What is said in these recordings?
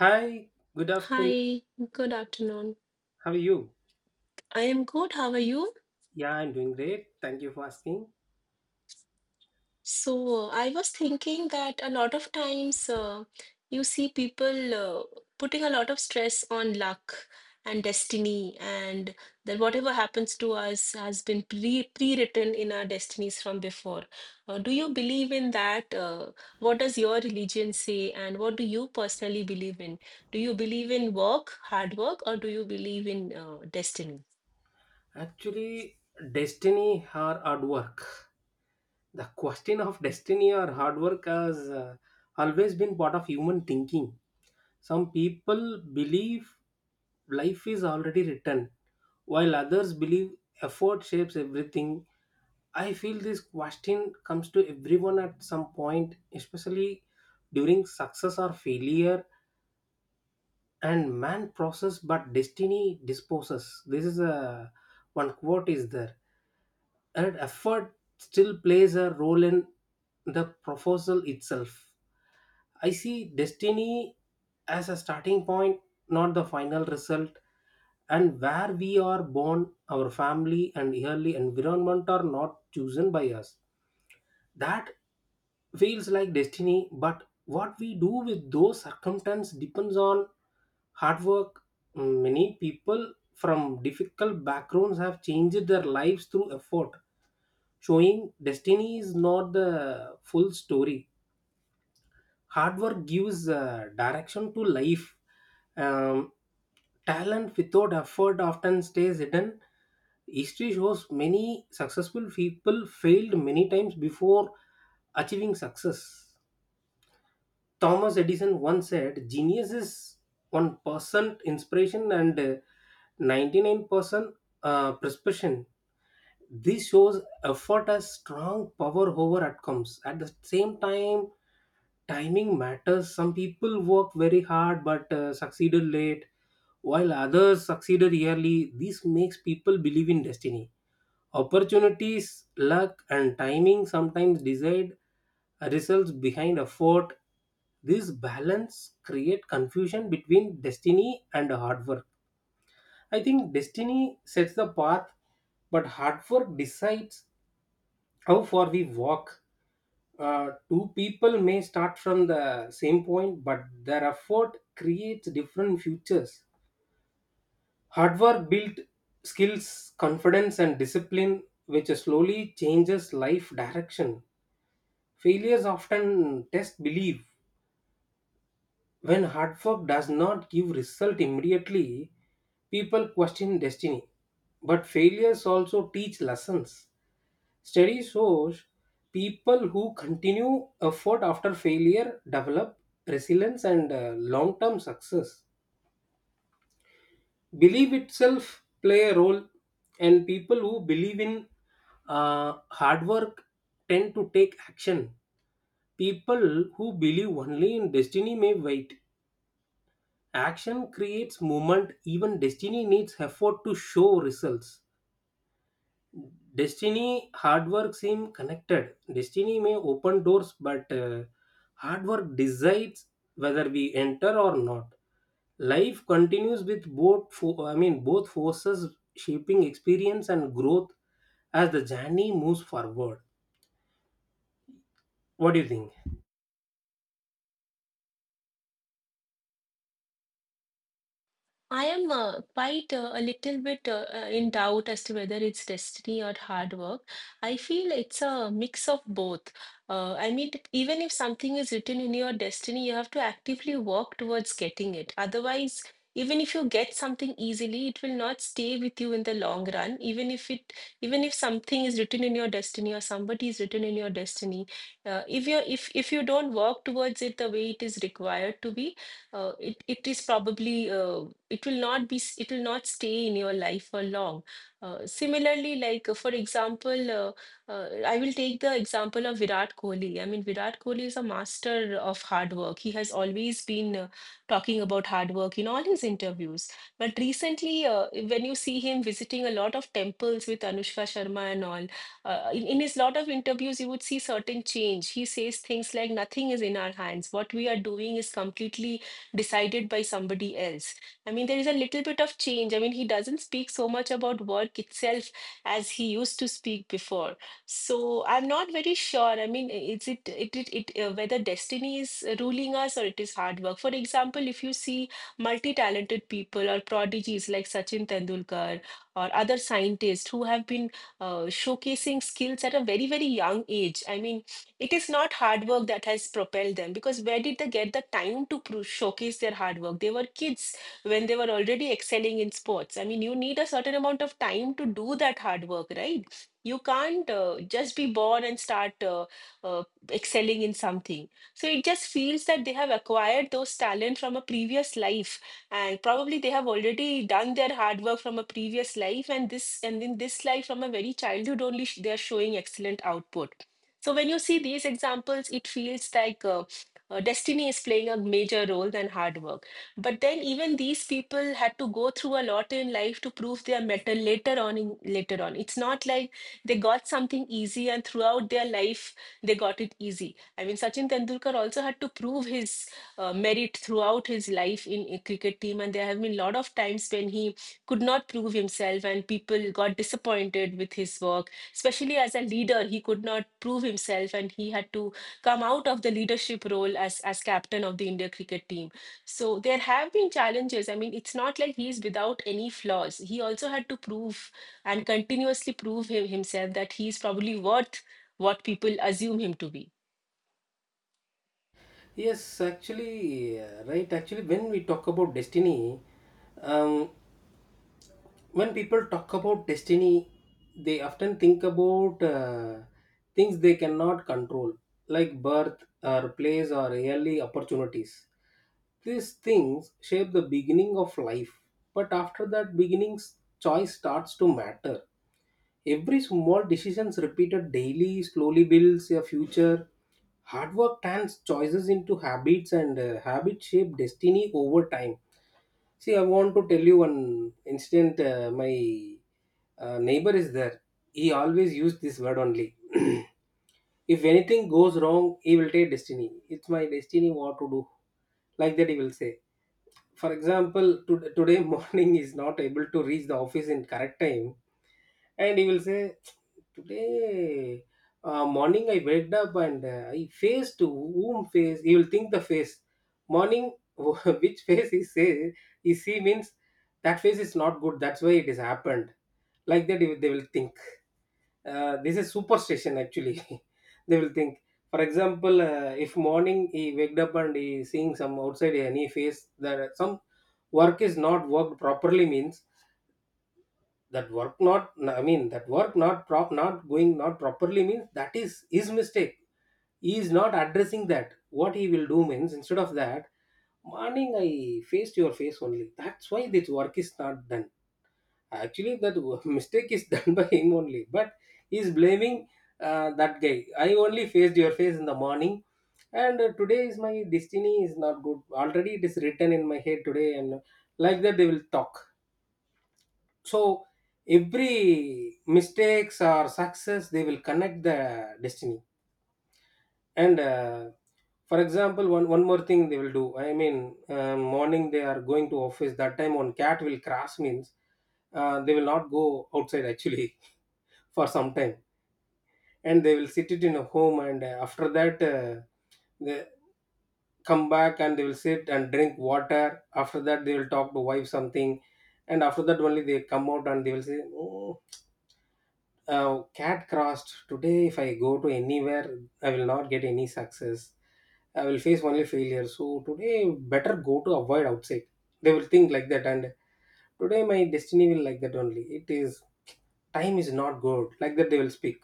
Hi, good afternoon. Hi, good afternoon. How are you? I am good. How are you? Yeah, I'm doing great. Thank you for asking. So, I was thinking that a lot of times you see people putting a lot of stress on luck and destiny, and that whatever happens to us has been pre-written in our destinies from before. Do you believe in that? What does your religion say, and what do you personally believe in? Do you believe in work, hard work, or do you believe in destiny? Actually, destiny or hard work? The question of destiny or hard work has always been part of human thinking. Some people believe life is already written, while others believe effort shapes everything. I feel this question comes to everyone at some point, especially during success or failure and man process but destiny disposes. This is a one quote is there and effort still plays a role in the proposal itself. I see destiny as a starting point, not the final result. And where we are born, our family and early environment are not chosen by us. That feels like destiny, but what we do with those circumstances depends on hard work. Many people from difficult backgrounds have changed their lives through effort, showing destiny is not the full story. Hard work gives direction to life. um, Talent without effort often stays hidden. History shows many successful people failed many times before achieving success. Thomas Edison once said, "Genius is 1% inspiration and 99% persuasion." This shows effort has strong power over outcomes. At the same time, timing matters. Some people work very hard but succeeded late, while others succeeded early. This makes people believe in destiny. Opportunities, luck, and timing sometimes decide results behind effort. This balance create confusion between destiny and hard work. I think destiny sets the path, but hard work decides how far we walk. Two people may start from the same point, but their effort creates different futures. Hard work built skills, confidence, and discipline, which slowly changes life direction. Failures often test belief. When hard work does not give result immediately, people question destiny. But failures also teach lessons. Study shows people who continue effort after failure develop resilience and long-term success. Belief itself play a role, and people who believe in hard work tend to take action. People who believe only in destiny may wait. Action creates movement, even destiny needs effort to show results. Destiny, hard work seem connected. Destiny may open doors, but hard work decides whether we enter or not. Life continues with both, both forces shaping experience and growth as the journey moves forward. What do you think? I am quite a little bit in doubt as to whether it's destiny or hard work. I feel it's a mix of both. I mean, even if something is written in your destiny, you have to actively work towards getting it. Otherwise, even if you get something easily, it will not stay with you in the long run. Even if something is written in your destiny or somebody is written in your destiny, if you don't work towards it the way it is required to be it, it is probably it will not be s- it will not stay in your life for long. Similarly, like, for example, I will take the example of Virat Kohli. Virat Kohli is a master of hard work. He has always been talking about hard work in all his interviews. But recently, when you see him visiting a lot of temples with Anushka Sharma and all, in his lot of interviews, you would see certain change. He says things like, nothing is in our hands. What we are doing is completely decided by somebody else. I mean, there is a little bit of change. I mean, he doesn't speak so much about work itself as he used to speak before. So I'm not very sure. I mean, is it, whether destiny is ruling us or it is hard work? For example, if you see multi-talented people or prodigies like Sachin Tendulkar or other scientists who have been showcasing skills at a very very young age. I mean, it is not hard work that has propelled them, because where did they get the time to showcase their hard work? They were kids when they were already excelling in sports. I mean, you need a certain amount of time to do that hard work, right? You can't just be born and start uh, excelling in something. So it just feels that they have acquired those talent from a previous life, and probably they have already done their hard work from a previous life, and this and in this life from a very childhood only they are showing excellent output. So when you see these examples, it feels like destiny is playing a major role than hard work. But then even these people had to go through a lot in life to prove their mettle later on. It's not like they got something easy and throughout their life they got it easy. I mean, Sachin Tendulkar also had to prove his merit throughout his life in a cricket team, and there have been a lot of times when he could not prove himself, and people got disappointed with his work. Especially as a leader, he could not prove himself, and he had to come out of the leadership role as captain of the India cricket team. So there have been challenges. I mean, it's not like he's without any flaws. He also had to prove and continuously prove himself that he's probably worth what people assume him to be. Yes, actually, right. Actually, when we talk about destiny, um, when people talk about destiny, they often think about things they cannot control, like birth or place or early opportunities. These things shape the beginning of life, but after that beginning's choice starts to matter. Every small decisions repeated daily slowly builds a future. Hard work turns choices into habits, and habits shape destiny over time. See, I want to tell you one incident. My neighbor is there. He always used this word only. If anything goes wrong, he will take destiny. It's my destiny, what to do. Like that, he will say, for example, to, today morning is not able to reach the office in correct time, and he will say today, morning I waked up and I face to whom face, he will think the face morning which face he say he see means that face is not good, that's why it is happened. Like that he will- they will think, this is superstition actually. They will think, for example, if morning he waked up and he seeing some outside any face that some work is not worked properly means that work not, I mean, that work not prop not going not properly means that is his mistake. He is not addressing that. What he will do means, instead of that, morning I faced your face only. That's why this work is not done. Actually that mistake is done by him only, but he's blaming that guy, I only faced your face in the morning and today is my destiny is not good, already it is written in my head today. And like that they will talk. So every mistakes or success they will connect the destiny. And for example, one more thing they will do, I mean, morning they are going to office, that time one cat will cross means they will not go outside actually for some time, and they will sit it in a home, and after that, they come back and they will sit and drink water, after that they will talk to wife something, and after that only they come out and they will say, oh, cat crossed today, if I go to anywhere I will not get any success, I will face only failure, so today better go to avoid outside. They will think like that and today my destiny will like that only, it is time is not good, like that they will speak.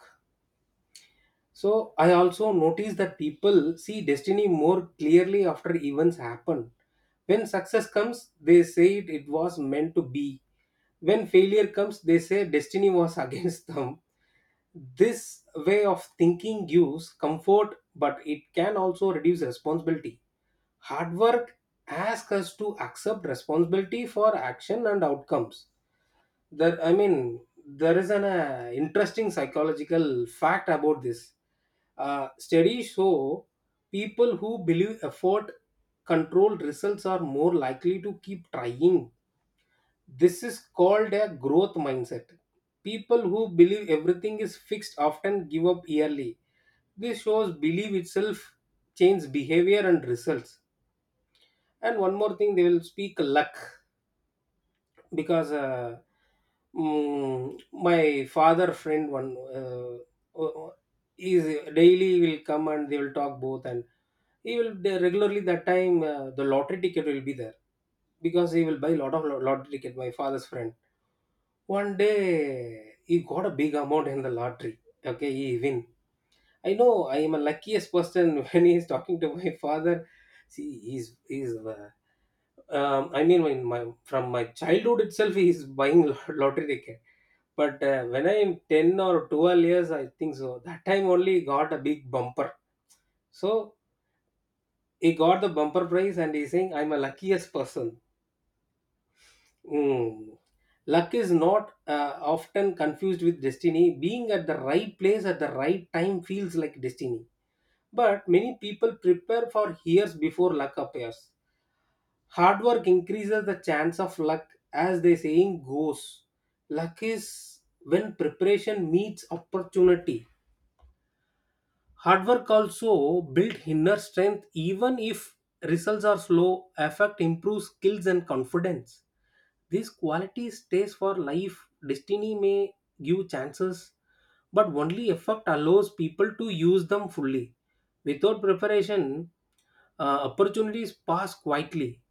So I also notice that people see destiny more clearly after events happen. When success comes, they say it was meant to be. When failure comes, they say destiny was against them. This way of thinking gives comfort, but it can also reduce responsibility. Hard work asks us to accept responsibility for action and outcomes. There is an interesting psychological fact about this. Studies show people who believe effort controlled results are more likely to keep trying. This is called a growth mindset. People who believe everything is fixed often give up early. This shows belief itself change behavior and results. And one more thing, they will speak luck. Because my father friend one is daily will come and they will talk both, and he will they regularly that time the lottery ticket will be there because he will buy lot of lottery ticket, my father's friend. One day he got a big amount in the lottery. Okay, he win. I know I am a luckiest person, when he is talking to my father. See, he's I mean, when my, from my childhood itself, he is buying lottery ticket. But when I'm 10 or 12 years, I think so. That time only he got a big bumper. So he got the bumper prize, and he's saying, "I'm a luckiest person." Hmm. Luck is not often confused with destiny. Being at the right place at the right time feels like destiny. But many people prepare for years before luck appears. Hard work increases the chance of luck, as the saying goes. Luck is when preparation meets opportunity. Hard work also builds inner strength, even if results are slow. Effect improves skills and confidence. This quality stays for life. Destiny may give chances, but only effect allows people to use them fully. Without preparation, opportunities pass quietly.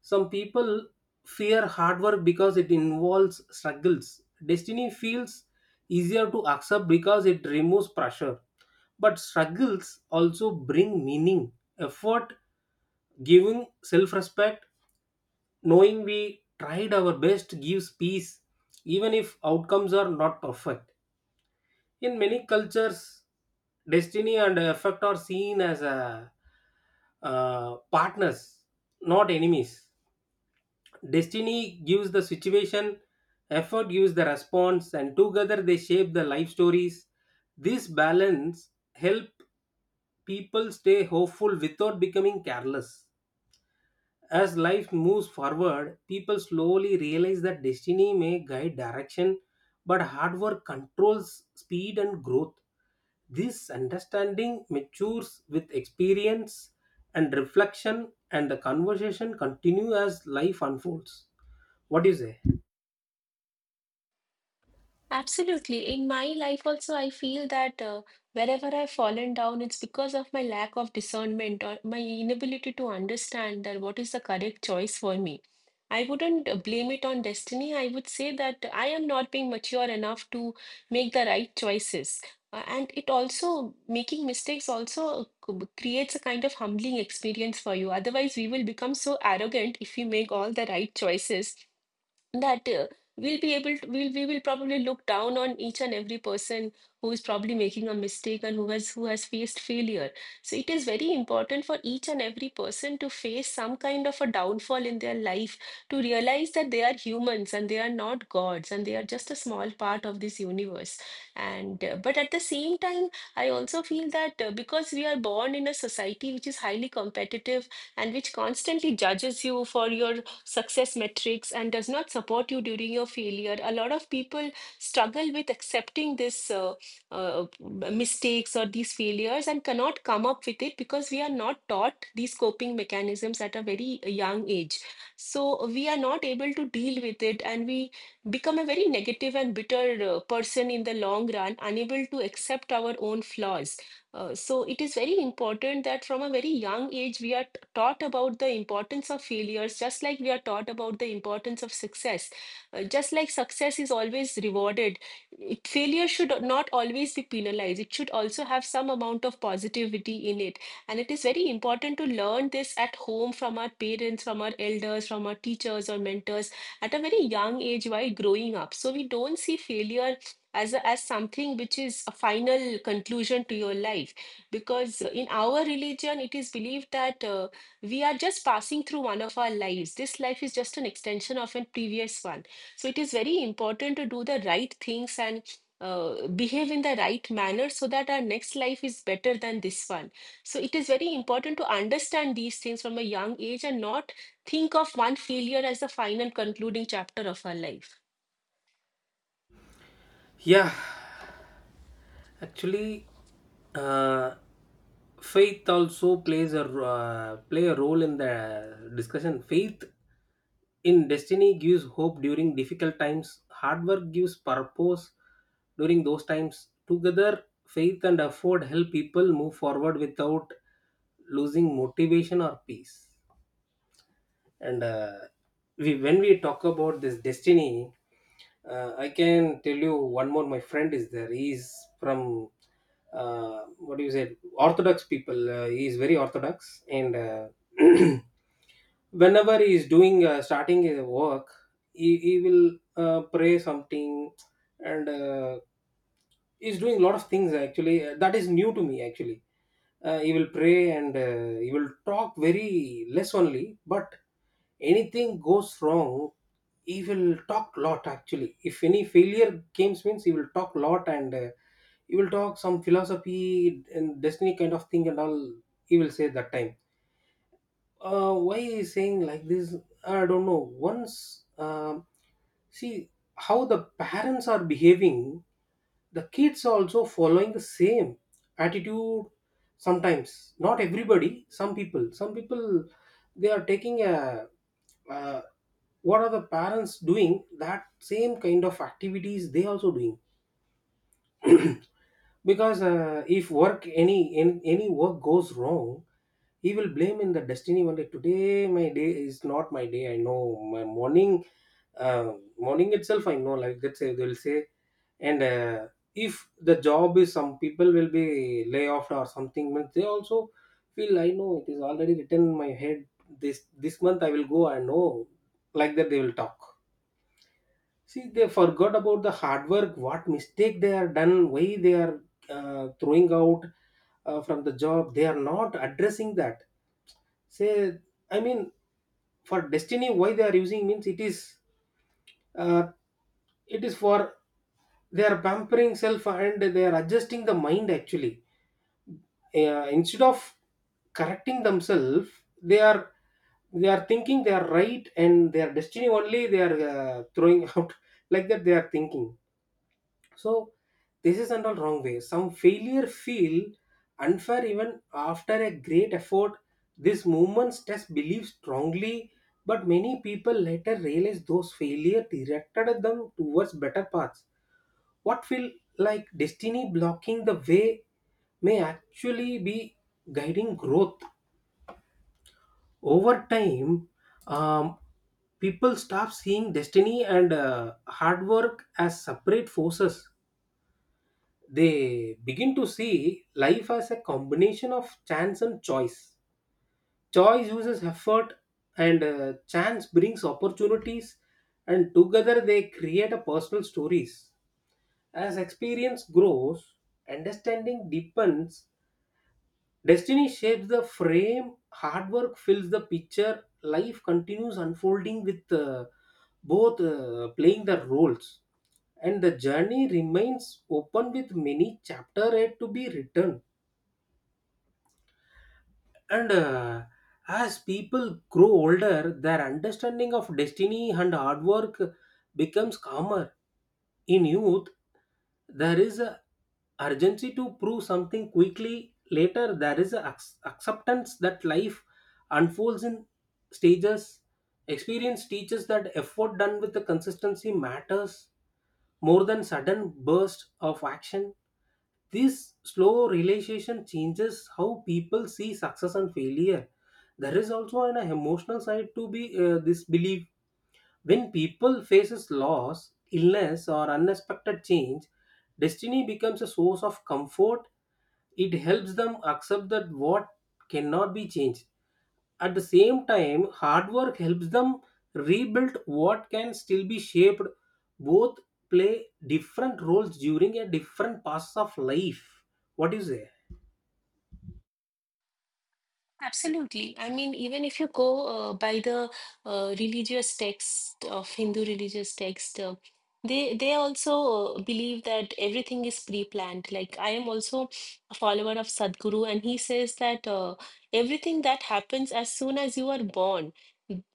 Some people fear hard work because it involves struggles. Destiny feels easier to accept because it removes pressure. But struggles also bring meaning, effort, giving self respect, knowing we tried our best gives peace, even if outcomes are not perfect. In many cultures, destiny and effect are seen as partners, not enemies. Destiny gives the situation, effort gives the response, and together they shape the life stories. This balance help people stay hopeful without becoming careless. As life moves forward, people slowly realize that destiny may guide direction, but hard work controls speed and growth. This understanding matures with experience and reflection, and the conversation continue as life unfolds. What do you say? Absolutely. In my life also, I feel that wherever I've fallen down, it's because of my lack of discernment or my inability to understand that what is the correct choice for me. I wouldn't blame it on destiny. I would say that I am not being mature enough to make the right choices. And it also, making mistakes also creates a kind of humbling experience for you. Otherwise, we will become so arrogant if we make all the right choices that we'll be able to we'll, we will probably look down on each and every person who is probably making a mistake and who has faced failure. So it is very important for each and every person to face some kind of a downfall in their life to realize that they are humans and they are not gods, and they are just a small part of this universe. And but at the same time, I also feel that because we are born in a society which is highly competitive and which constantly judges you for your success metrics and does not support you during your failure, a lot of people struggle with accepting this uh, mistakes or these failures and cannot come up with it, because we are not taught these coping mechanisms at a very young age. So we are not able to deal with it, and we become a very negative and bitter person in the long run, unable to accept our own flaws. So it is very important that from a very young age we are taught about the importance of failures, just like we are taught about the importance of success. Just like success is always rewarded, failure should not always be penalized. It should also have some amount of positivity in it. And it is very important to learn this at home from our parents, from our elders, from our teachers or mentors at a very young age while growing up. So we don't see failure as a, as something which is a final conclusion to your life, because in our religion it is believed that we are just passing through one of our lives. This life is just an extension of a previous one. So it is very important to do the right things and behave in the right manner so that our next life is better than this one. So it is very important to understand these things from a young age and not think of one failure as the final concluding chapter of our life. Yeah, actually, uh, faith also play a role in the discussion. Faith in destiny gives hope during difficult times. Hard work gives purpose during those times. Together, faith and effort help people move forward without losing motivation or peace. And we when we talk about this destiny. I can tell you one more. My friend is there. He's from, what do you say, orthodox people. He is very orthodox, and whenever he is doing starting his work, he will pray something, and he's doing a lot of things actually. That is new to me actually. He will pray, and he will talk very less only, but anything goes wrong, he will talk lot actually. If any failure comes means, he will talk lot, and he will talk some philosophy and destiny kind of thing and all. He will say that time, why is saying like this, I don't know. Once see how the parents are behaving, the kids are also following the same attitude. Sometimes not everybody, some people, they are taking a uh, what are the parents doing, that same kind of activities they also doing. Because if work any work goes wrong, he will blame in the destiny. One day, today my day is not my day, I know. My morning, uh, morning itself I know, like, let's say they will say. And if the job is, some people will be lay off or something means, they also feel I know it is already written in my head. This month I will go, I know, like that they will talk. See, they forgot about the hard work, what mistake they are done, why they are throwing out from the job. They are not addressing that. Say, I mean, for destiny, why they are using means, uh, it is for, they are pampering self and they are adjusting the mind actually. Instead of correcting themselves, they are they are thinking they are right and their destiny only they are throwing out, like that they are thinking. So this is not all wrong way. Some failure feel unfair even after a great effort. These movements just believe strongly, but many people later realize those failure directed them towards better paths. What feel like destiny blocking the way may actually be guiding growth over time. Um, people stop seeing destiny and hard work as separate forces, they begin to see life as a combination of chance and choice. Choice uses effort, and chance brings opportunities, and together they create a personal stories. As experience grows, understanding deepens, destiny shapes the frame, hard work fills the picture, life continues unfolding with both playing the roles. And the journey remains open with many chapters yet to be written. And as people grow older, their understanding of destiny and hard work becomes calmer. In youth, there is a urgency to prove something quickly. Later, there is a acceptance that life unfolds in stages. Experience teaches that effort done with the consistency matters more than sudden bursts of action. This slow realization changes how people see success and failure. There is also an emotional side to be this belief. When people faces loss, illness, or unexpected change, destiny becomes a source of comfort. It helps them accept that what cannot be changed. At the same time, hard work helps them rebuild what can still be shaped. Both play different roles during a different paths of life. What do you say? Absolutely. I mean, even if you go by the religious text of Hindu religious text, they also believe that everything is pre-planned. Like I am also a follower of Sadhguru, and he says that everything that happens as soon as you are born,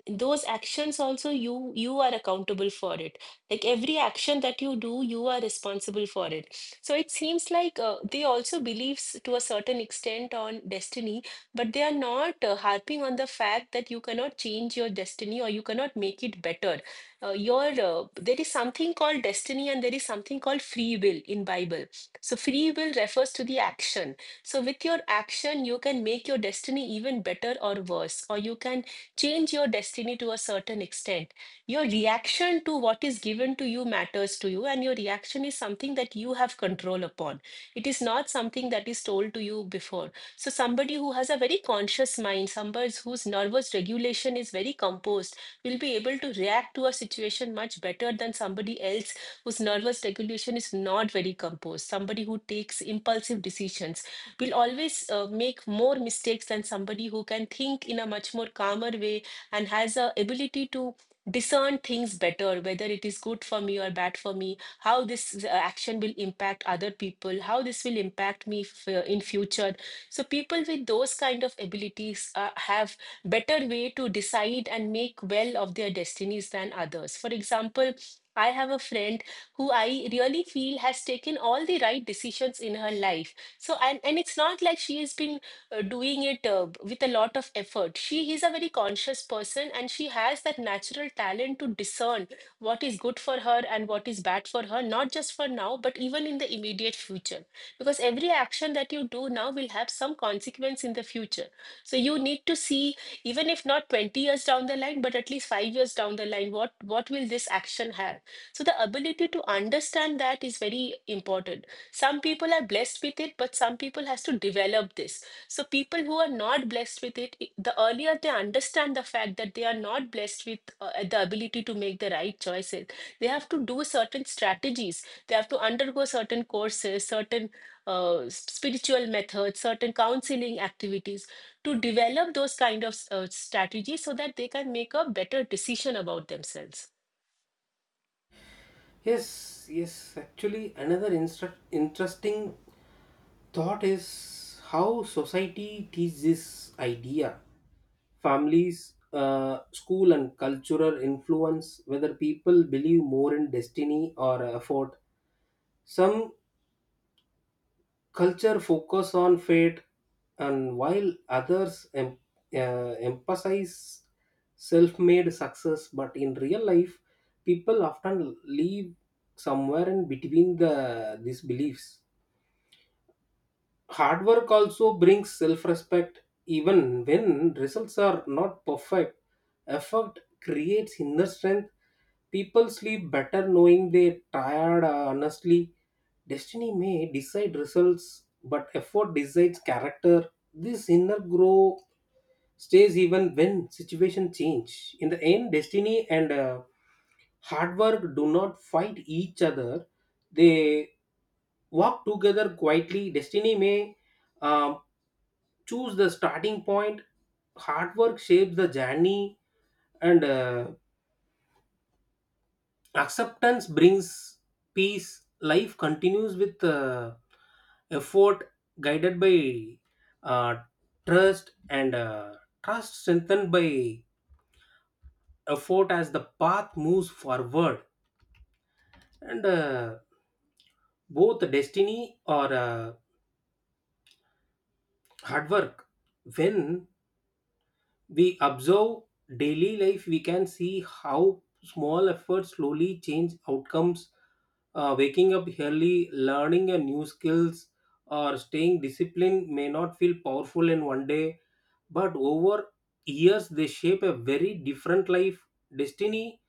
those actions also you are accountable for it. Like every action that you do, you are responsible for it. So it seems like they also believes to a certain extent on destiny, but they are not harping on the fact that you cannot change your destiny or you cannot make it better. Your there is something called destiny and there is something called free will in Bible. So free will refers to the action. So with your action, you can make your destiny even better or worse, or you can change your destiny to a certain extent. Your reaction to what is given to you matters to you, and your reaction is something that you have control upon. It is not something that is told to you before. So somebody who has a very conscious mind, somebody whose nervous regulation is very composed, will be able to react to a situation much better than somebody else whose nervous regulation is not very composed. Somebody who takes impulsive decisions will always make more mistakes than somebody who can think in a much more calmer way and has a ability to discern things better, whether it is good for me or bad for me, how this action will impact other people, how this will impact me in future. So people with those kind of abilities have better way to decide and make well of their destinies than others. For example, I have a friend who I really feel has taken all the right decisions in her life. So, and it's not like she has been doing it with a lot of effort. She is a very conscious person and she has that natural talent to discern what is good for her and what is bad for her, not just for now, but even in the immediate future, because every action that you do now will have some consequence in the future. So you need to see, even if not 20 years down the line, but at least 5 years down the line, what will this action have? So the ability to understand that is very important. Some people are blessed with it, but some people has to develop this. So people who are not blessed with it, the earlier they understand the fact that they are not blessed with the ability to make the right choices, they have to do certain strategies. They have to undergo certain courses, certain spiritual methods, certain counseling activities to develop those kind of strategies so that they can make a better decision about themselves. Yes, yes. Actually, another interesting thought is how society teaches this idea. Families, school, and cultural influence, whether people believe more in destiny or effort. Some culture focus on fate and while others emphasize self-made success, but in real life people often live somewhere in between these beliefs. Hard work also brings self respect, even when results are not perfect. Effort creates inner strength. People sleep better knowing they tired honestly. Destiny may decide results, but effort decides character. This inner grow stays even when situation change. In the end, destiny and hard work do not fight each other. They walk together quietly. Destiny may um, choose the starting point, hard work shapes the journey, and acceptance brings peace. Life continues with effort guided by uh, trust, and trust strengthened by effort as the path moves forward, and both destiny or hard work. When we observe daily life, we can see how small efforts slowly change outcomes. Waking up early, learning a new skills, or staying disciplined may not feel powerful in one day, but over years they shape a very different life. Destiny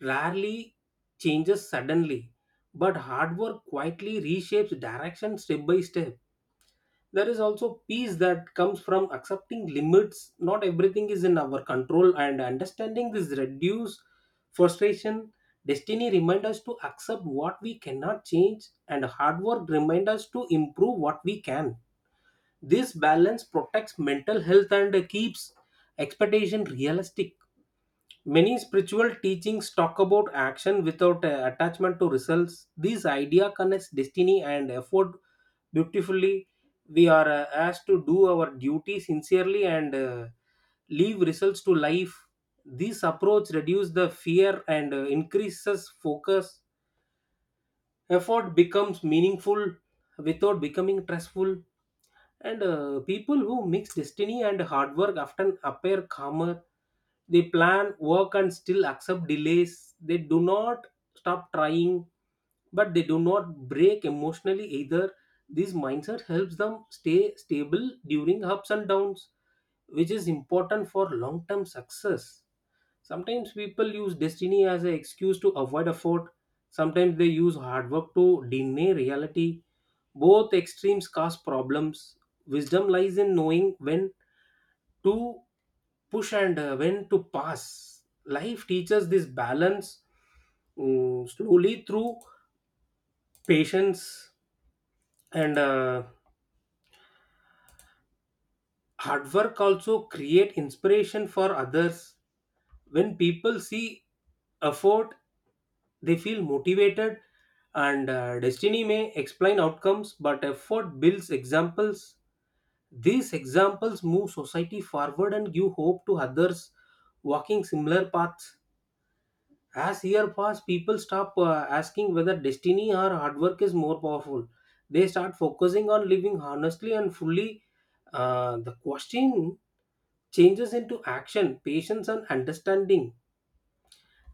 rarely changes suddenly, but hard work quietly reshapes direction step by step. There is also peace that comes from accepting limits. Not everything is in our control, and understanding this reduce frustration. Destiny remind us to accept what we cannot change, and hard work remind us to improve what we can. This balance protects mental health and keeps expectation realistic. Many spiritual teachings talk about action without attachment to results. This idea connects destiny and effort beautifully. We are asked to do our duty sincerely and leave results to life. This approach reduces the fear and increases focus. Effort becomes meaningful without becoming stressful, and people who mix destiny and hard work often appear calmer. They plan work and still accept delays. They do not stop trying, but they do not break emotionally either. This mindset helps them stay stable during ups and downs, which is important for long term success. Sometimes people use destiny as an excuse to avoid effort. Sometimes they use hard work to deny reality. Both extremes cause problems. Wisdom lies in knowing when to push and when to pass. Life teaches this balance slowly through patience, and hard work also create inspiration for others. When people see effort, they feel motivated, and destiny may explain outcomes, but effort builds examples. These examples move society forward and give hope to others walking similar paths. As years pass, people stop asking whether destiny or hard work is more powerful. They start focusing on living honestly and fully. The question changes into action, patience, and understanding.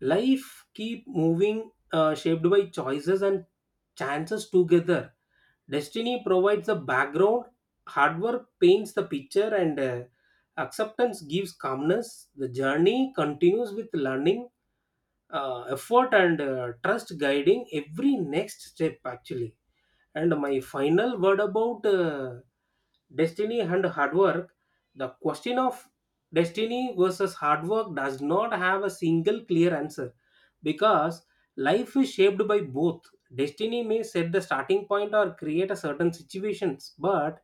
Life keep moving, shaped by choices and chances together. Destiny provides the background, hard work paints the picture, and acceptance gives calmness. The journey continues with learning, effort, and trust guiding every next step actually. And my final word about destiny and hard work: the question of destiny versus hard work does not have a single clear answer, because life is shaped by both. Destiny may set the starting point or create a certain situations, but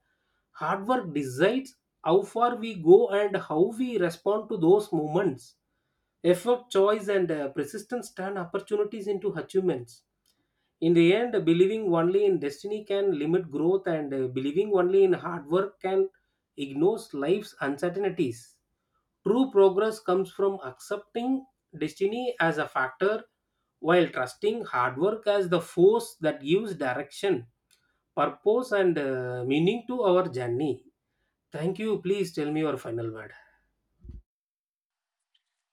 hard work decides how far we go and how we respond to those moments. Effort, choice, and persistence turn opportunities into achievements. In the end, believing only in destiny can limit growth, and believing only in hard work can ignore life's uncertainties. True progress comes from accepting destiny as a factor while trusting hard work as the force that gives direction, purpose, and meaning to our journey. Thank you. Please tell me your final word.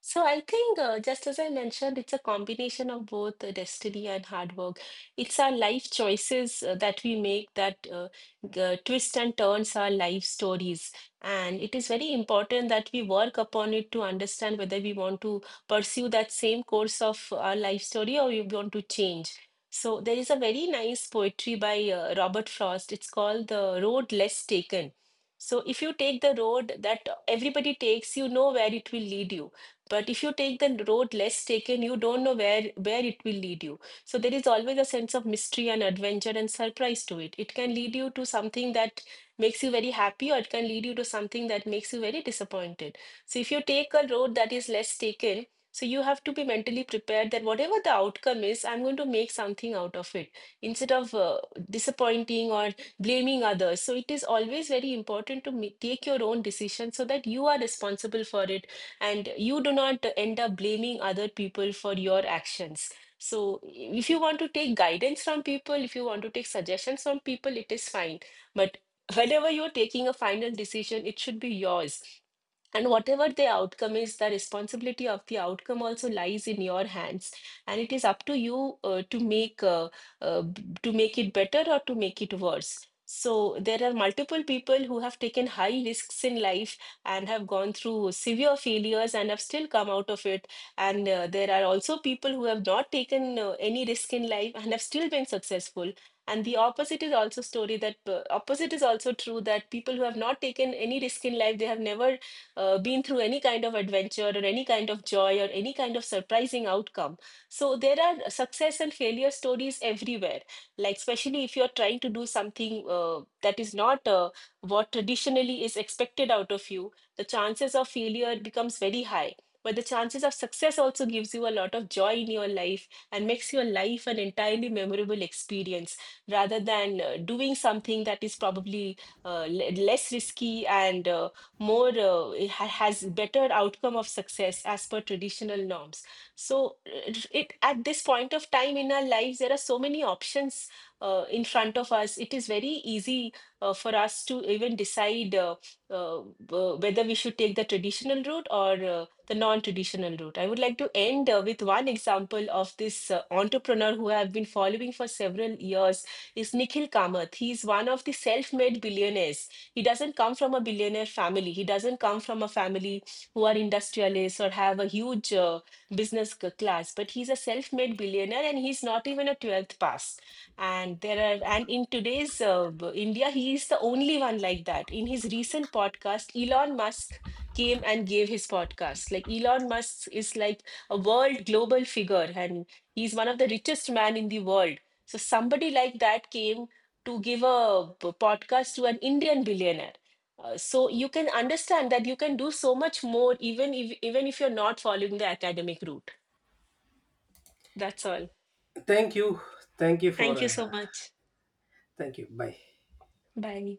So I think, just as I mentioned, it's a combination of both destiny and hard work. It's our life choices that we make that twist and turns our life stories. And it is very important that we work upon it to understand whether we want to pursue that same course of our life story or we want to change. So there is a very nice poetry by Robert Frost. It's called The Road Less Taken. So if you take the road that everybody takes, you know where it will lead you, but if you take the road less taken, you don't know where it will lead you. So there is always a sense of mystery and adventure and surprise to it. It can lead you to something that makes you very happy, or it can lead you to something that makes you very disappointed. So if you take a road that is less taken, so you have to be mentally prepared that whatever the outcome is, I'm going to make something out of it instead of disappointing or blaming others. So it is always very important to take your own decision so that you are responsible for it and you do not end up blaming other people for your actions. So, if you want to take guidance from people, if you want to take suggestions from people, it is fine. But whenever you're taking a final decision, it should be yours. And whatever the outcome is, the responsibility of the outcome also lies in your hands, and it is up to you to make to make it better or to make it worse. So there are multiple people who have taken high risks in life and have gone through severe failures and have still come out of it. And there are also people who have not taken any risk in life and have still been successful. And the opposite is also story that opposite is also true, that people who have not taken any risk in life, they have never been through any kind of adventure or any kind of joy or any kind of surprising outcome. So there are success and failure stories everywhere. Like, especially if you're trying to do something that is not what traditionally is expected out of you, the chances of failure becomes very high. But the chances of success also gives you a lot of joy in your life and makes your life an entirely memorable experience, rather than doing something that is probably less risky and more has better outcome of success as per traditional norms. So at this point of time in our lives, there are so many options in front of us. It is very easy for us to even decide uh, whether we should take the traditional route or the non-traditional route. I would like to end with one example of this entrepreneur who I have been following for several years, is Nikhil Kamath. He is one of the self-made billionaires. He doesn't come from a billionaire family. He doesn't come from a family who are industrialists or have a huge business class, but he's a self made billionaire, and he's not even a 12th pass. And there are, and in today's India, he is the only one like that. In his recent podcast, Elon Musk came and gave his podcast. Like, Elon Musk is like a world global figure, and he's one of the richest man in the world. So somebody like that came to give a podcast to an Indian billionaire. So you can understand that you can do so much more, even if you're not following the academic route. That's all. Thank you. Thank you Thank for you so much. thank you. Bye. Bye.